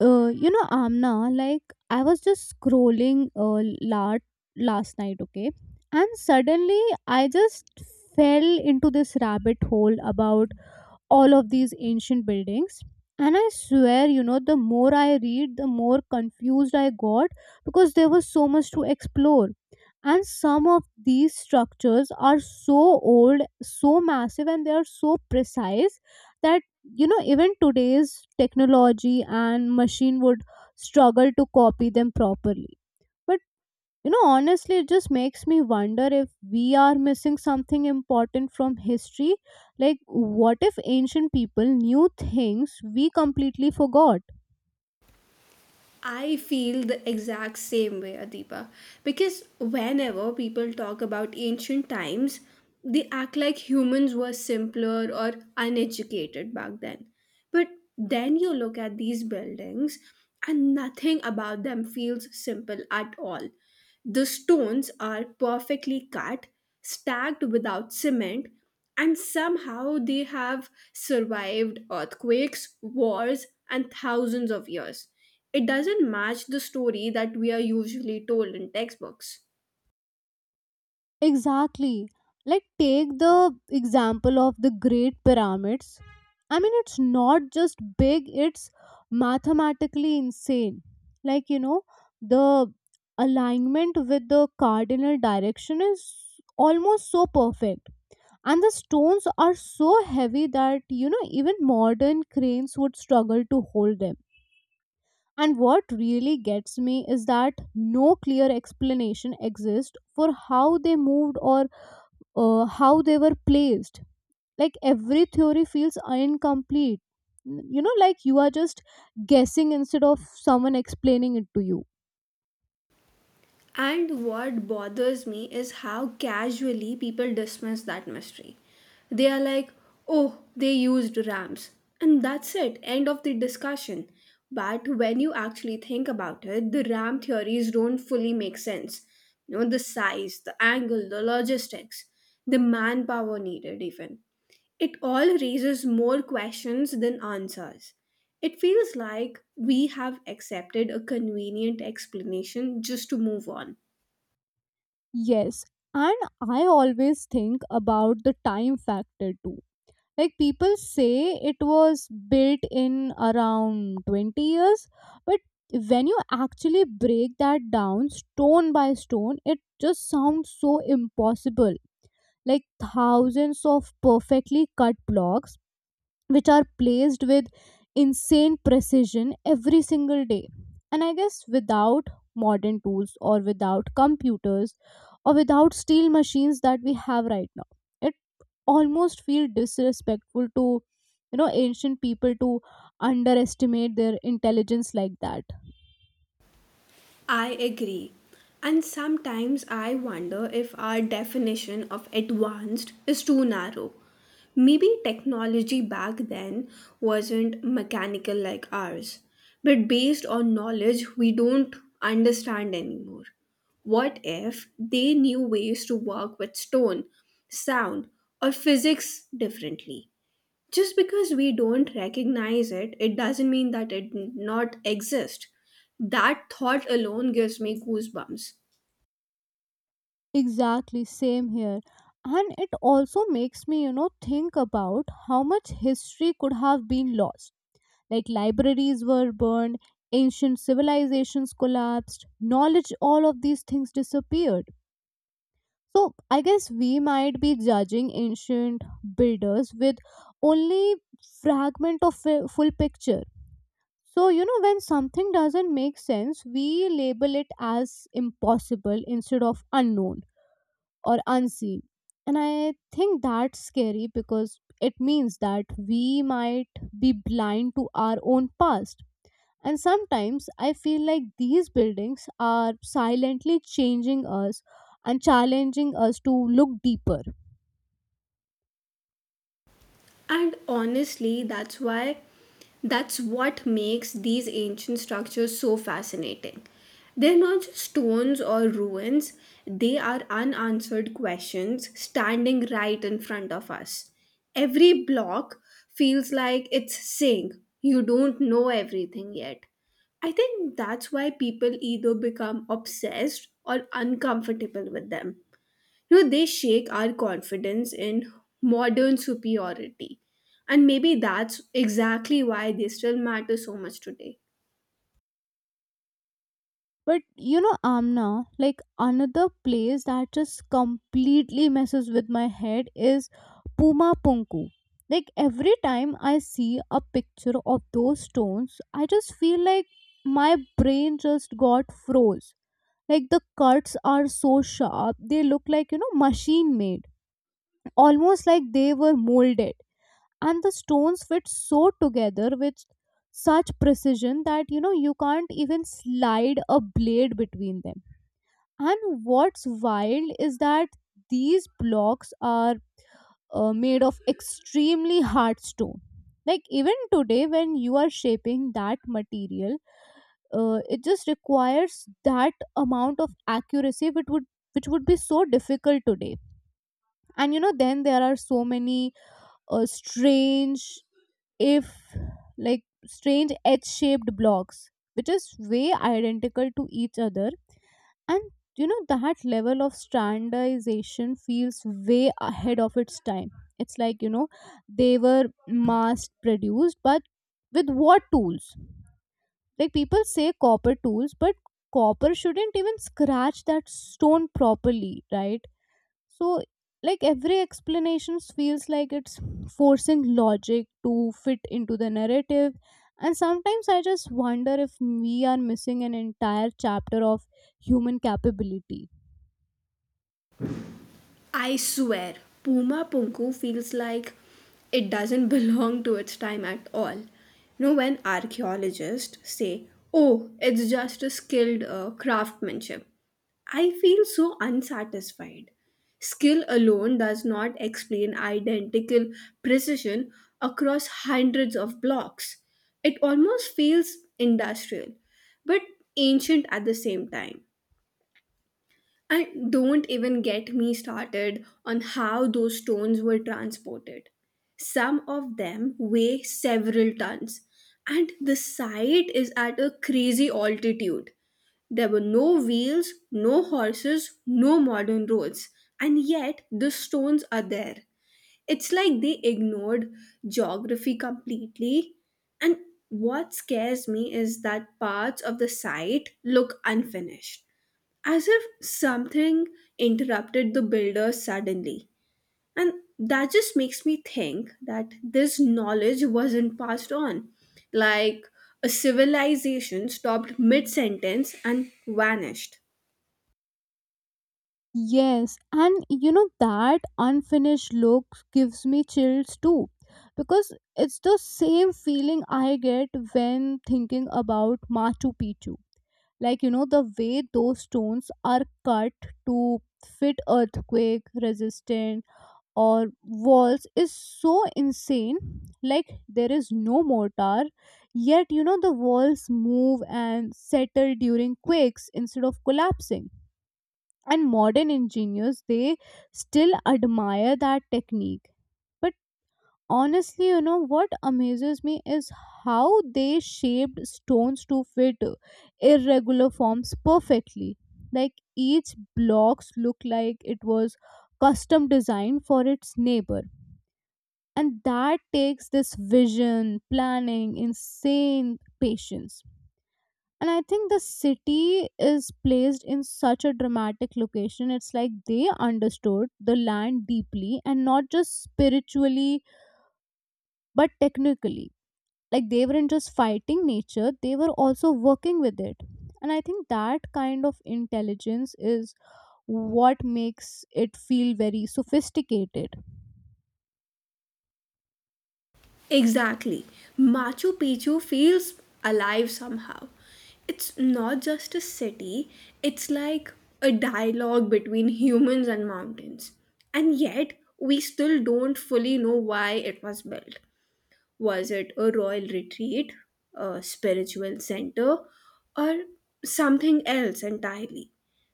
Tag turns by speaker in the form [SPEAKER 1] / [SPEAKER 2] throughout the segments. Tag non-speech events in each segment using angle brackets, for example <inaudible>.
[SPEAKER 1] You know, Amna, like, I was just scrolling last night, okay, and suddenly I just fell into this rabbit hole about all of these ancient buildings. And I swear, you know, the more I read, the more confused I got, because there was so much to explore. And some of these structures are so old, so massive, and they are so precise that, you know, even today's technology and machine would struggle to copy them properly. But, you know, honestly, it just makes me wonder if we are missing something important from history. Like, what if ancient people knew things we completely forgot?
[SPEAKER 2] I feel the exact same way, Adipa. Because whenever people talk about ancient times, they act like humans were simpler or uneducated back then. But then you look at these buildings, and nothing about them feels simple at all. The stones are perfectly cut, stacked without cement, and somehow they have survived earthquakes, wars, and thousands of years. It doesn't match the story that we are usually told in textbooks.
[SPEAKER 1] Exactly. Like, take the example of the Great Pyramids. I mean, it's not just big, it's mathematically insane. Like, you know, the alignment with the cardinal direction is almost so perfect, and the stones are so heavy that, you know, even modern cranes would struggle to hold them. And what really gets me is that no clear explanation exists for how they moved or how they were placed. Like every theory feels incomplete. You know, like you are just guessing instead of someone explaining it to you.
[SPEAKER 2] And what bothers me is how casually people dismiss that mystery. They are like, oh, they used ramps. And that's it, end of the discussion. But when you actually think about it, the RAM theories don't fully make sense. You know, the size, the angle, the logistics, the manpower needed, even. It all raises more questions than answers. It feels like we have accepted a convenient explanation just to move on.
[SPEAKER 1] Yes, and I always think about the time factor too. Like, people say it was built in around 20 years, but when you actually break that down stone by stone, it just sounds so impossible. Like thousands of perfectly cut blocks, which are placed with insane precision every single day. And I guess without modern tools, or without computers, or without steel machines that we have right now, almost feel disrespectful to, you know, ancient people, to underestimate their intelligence like that.
[SPEAKER 2] I agree. And sometimes I wonder if our definition of advanced is too narrow. Maybe technology back then wasn't mechanical like ours, but based on knowledge we don't understand anymore. What if they knew ways to work with stone, sound, or physics differently? Just because we don't recognize it, it doesn't mean that it not exist. That thought alone gives me goosebumps.
[SPEAKER 1] Exactly, same here. And it also makes me, you know, think about how much history could have been lost. Like, libraries were burned, ancient civilizations collapsed, knowledge, all of these things disappeared. So I guess we might be judging ancient builders with only fragment of a full picture. So, you know, when something doesn't make sense, we label it as impossible instead of unknown or unseen. And I think that's scary, because it means that we might be blind to our own past. And sometimes I feel like these buildings are silently changing us and challenging us to look deeper.
[SPEAKER 2] And honestly, that's why that's what makes these ancient structures so fascinating. They're not just stones or ruins, they are unanswered questions standing right in front of us. Every block feels like it's saying, "You don't know everything yet." I think that's why people either become obsessed or uncomfortable with them. You know, they shake our confidence in modern superiority. And maybe that's exactly why they still matter so much today.
[SPEAKER 1] But you know, Amna, like, another place that just completely messes with my head is Puma Punku. Like every time I see a picture of those stones, I just feel like my brain just got froze. Like the cuts are so sharp, they look like, you know, machine made, almost like they were molded. And the stones fit so together with such precision that, you know, you can't even slide a blade between them. And what's wild is that these blocks are made of extremely hard stone. Like, even today, when you are shaping that material, it just requires that amount of accuracy which would, which would be so difficult today. And you know, then there are so many strange, if like, strange h-shaped blocks which is way identical to each other. And you know, that level of standardization feels way ahead of its time. It's like, you know, they were mass produced, but with what tools? Like, people say copper tools, but copper shouldn't even scratch that stone properly, right? So, like, every explanation feels like it's forcing logic to fit into the narrative. And sometimes I just wonder if we are missing an entire chapter of human capability.
[SPEAKER 2] I swear, Puma Punku feels like it doesn't <laughs> belong to its time at all. You know, when archaeologists say, oh, it's just a skilled craftsmanship, I feel so unsatisfied. Skill alone does not explain identical precision across hundreds of blocks. It almost feels industrial, but ancient at the same time. And don't even get me started on how those stones were transported. Some of them weigh several tons, and the site is at a crazy altitude. There were no wheels, no horses, no modern roads, and yet the stones are there. It's like they ignored geography completely. And what scares me is that parts of the site look unfinished, as if something interrupted the builder suddenly. And that just makes me think that this knowledge wasn't passed on. Like a civilization stopped mid sentence and vanished.
[SPEAKER 1] Yes, and you know that unfinished look gives me chills too, because it's the same feeling I get when thinking about Machu Picchu. Like, you know, the way those stones are cut to fit earthquake resistant or walls is so insane. Like, there is no mortar, yet, you know, the walls move and settle during quakes instead of collapsing. And modern engineers, they still admire that technique. But honestly, you know what amazes me is how they shaped stones to fit irregular forms perfectly. Like each blocks look like it was custom designed for its neighbor. And that takes this vision, planning, insane patience. And I think the city is placed in such a dramatic location. It's like they understood the land deeply, and not just spiritually, but technically. Like they weren't just fighting nature, they were also working with it. And I think that kind of intelligence is what makes it feel very sophisticated.
[SPEAKER 2] Exactly. Machu Picchu feels alive somehow. It's not just a city, it's like a dialogue between humans and mountains. And yet, we still don't fully know why it was built. Was it a royal retreat, a spiritual center, or something else entirely?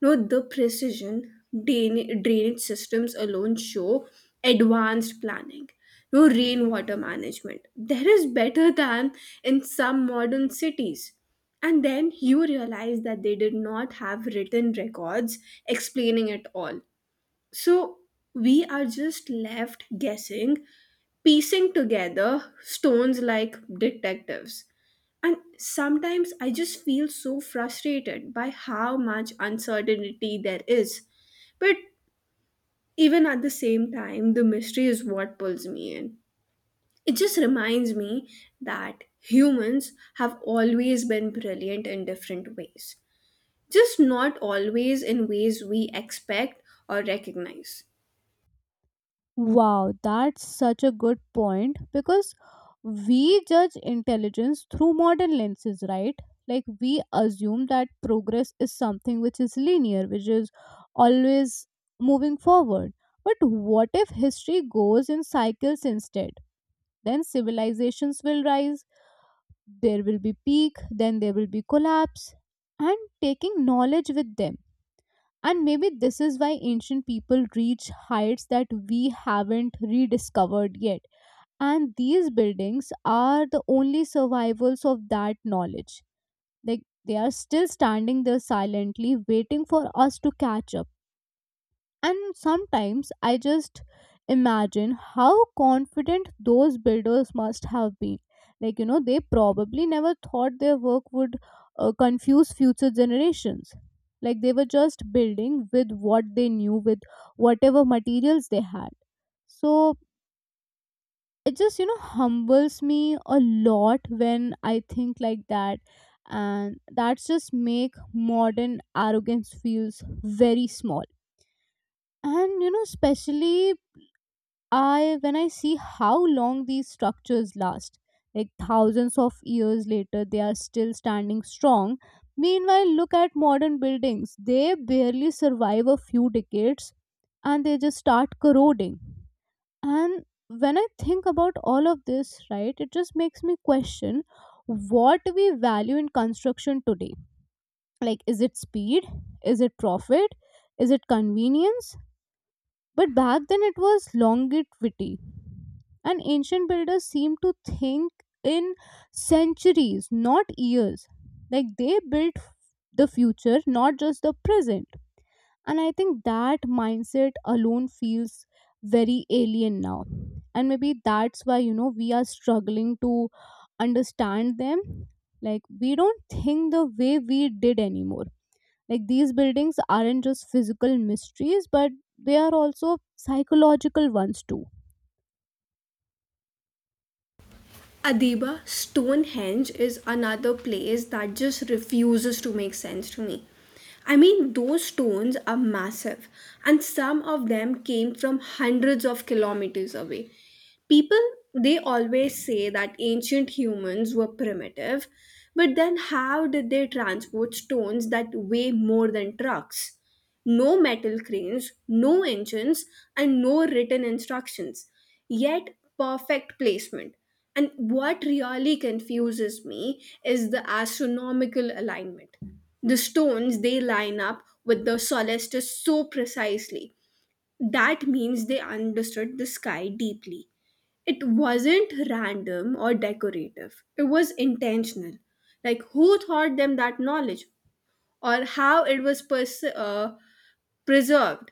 [SPEAKER 2] No, the precision drainage systems alone show advanced planning. No rainwater management. There is better than in some modern cities. And then you realize that they did not have written records explaining it all. So we are just left guessing, piecing together stones like detectives. And sometimes I just feel so frustrated by how much uncertainty there is. But even at the same time, the mystery is what pulls me in. It just reminds me that humans have always been brilliant in different ways, just not always in ways we expect or recognize.
[SPEAKER 1] Wow, that's such a good point, because we judge intelligence through modern lenses, right? Like we assume that progress is something which is linear, which is always moving forward. But what if history goes in cycles instead? Then civilizations will rise, there will be peak, then there will be collapse, and taking knowledge with them. And maybe this is why ancient people reach heights that we haven't rediscovered yet. And these buildings are the only survivals of that knowledge. Like they are still standing there silently, waiting for us to catch up. And sometimes I just imagine how confident those builders must have been. Like, you know, they probably never thought their work would confuse future generations. Like, they were just building with what they knew, with whatever materials they had. So it just, you know, humbles me a lot when I think like that. And that's just make modern arrogance feels very small. And you know, especially I when I see how long these structures last, like thousands of years later, they are still standing strong. Meanwhile, look at modern buildings; they barely survive a few decades, and they just start corroding. And when I think about all of this, right, it just makes me question what we value in construction today. Like, is it speed? Is it profit? Is it convenience? But back then it was longevity. And ancient builders seemed to think in centuries, not years. Like they built the future, not just the present. And I think that mindset alone feels very alien now. And maybe that's why, you know, we are struggling to understand them. Like we don't think the way we did anymore. Like these buildings aren't just physical mysteries, but they are also psychological ones too.
[SPEAKER 2] Adiba, Stonehenge is another place that just refuses to make sense to me. I mean, those stones are massive, and some of them came from hundreds of kilometers away. People they always say that ancient humans were primitive, but then how did they transport stones that weigh more than trucks? No metal cranes, no engines, and no written instructions, yet perfect placement. And what really confuses me is the astronomical alignment. The stones, they line up with the solstice so precisely. That means they understood the sky deeply. It wasn't random or decorative, it was intentional. Like, who taught them that knowledge, or how it was preserved?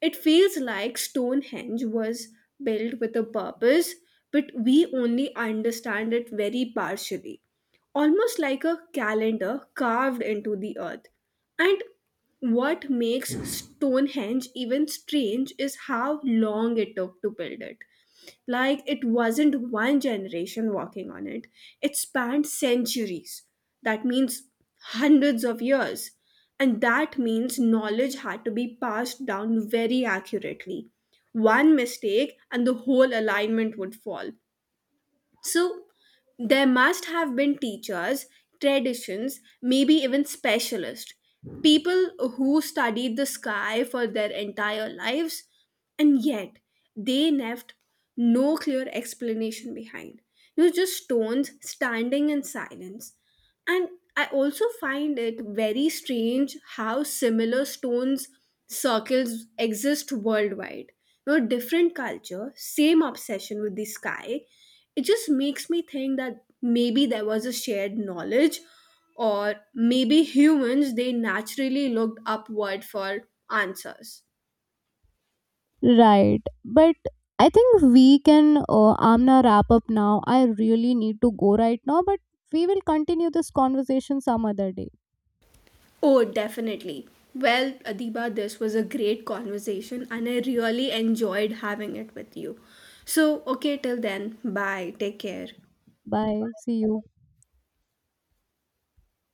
[SPEAKER 2] It feels like Stonehenge was built with a purpose, but we only understand it very partially. Almost like a calendar carved into the earth. And what makes Stonehenge even strange is how long it took to build it. Like, it wasn't one generation working on it, it spanned centuries. That means hundreds of years. And that means knowledge had to be passed down very accurately. One mistake and the whole alignment would fall. So there must have been teachers, traditions, maybe even specialists, people who studied the sky for their entire lives, and yet they left no clear explanation behind. You know, just stones standing in silence. And I also find it very strange how similar stones circles exist worldwide. You know, different culture, same obsession with the sky, it just makes me think that maybe there was a shared knowledge, or maybe humans they naturally looked upward for answers.
[SPEAKER 1] Right. But I think we can, Amna, wrap up now. I really need to go right now, but we will continue this conversation some other day.
[SPEAKER 2] Oh, definitely. Well, Adiba, this was a great conversation and I really enjoyed having it with you. So okay, till then, bye, take care.
[SPEAKER 1] Bye. See you.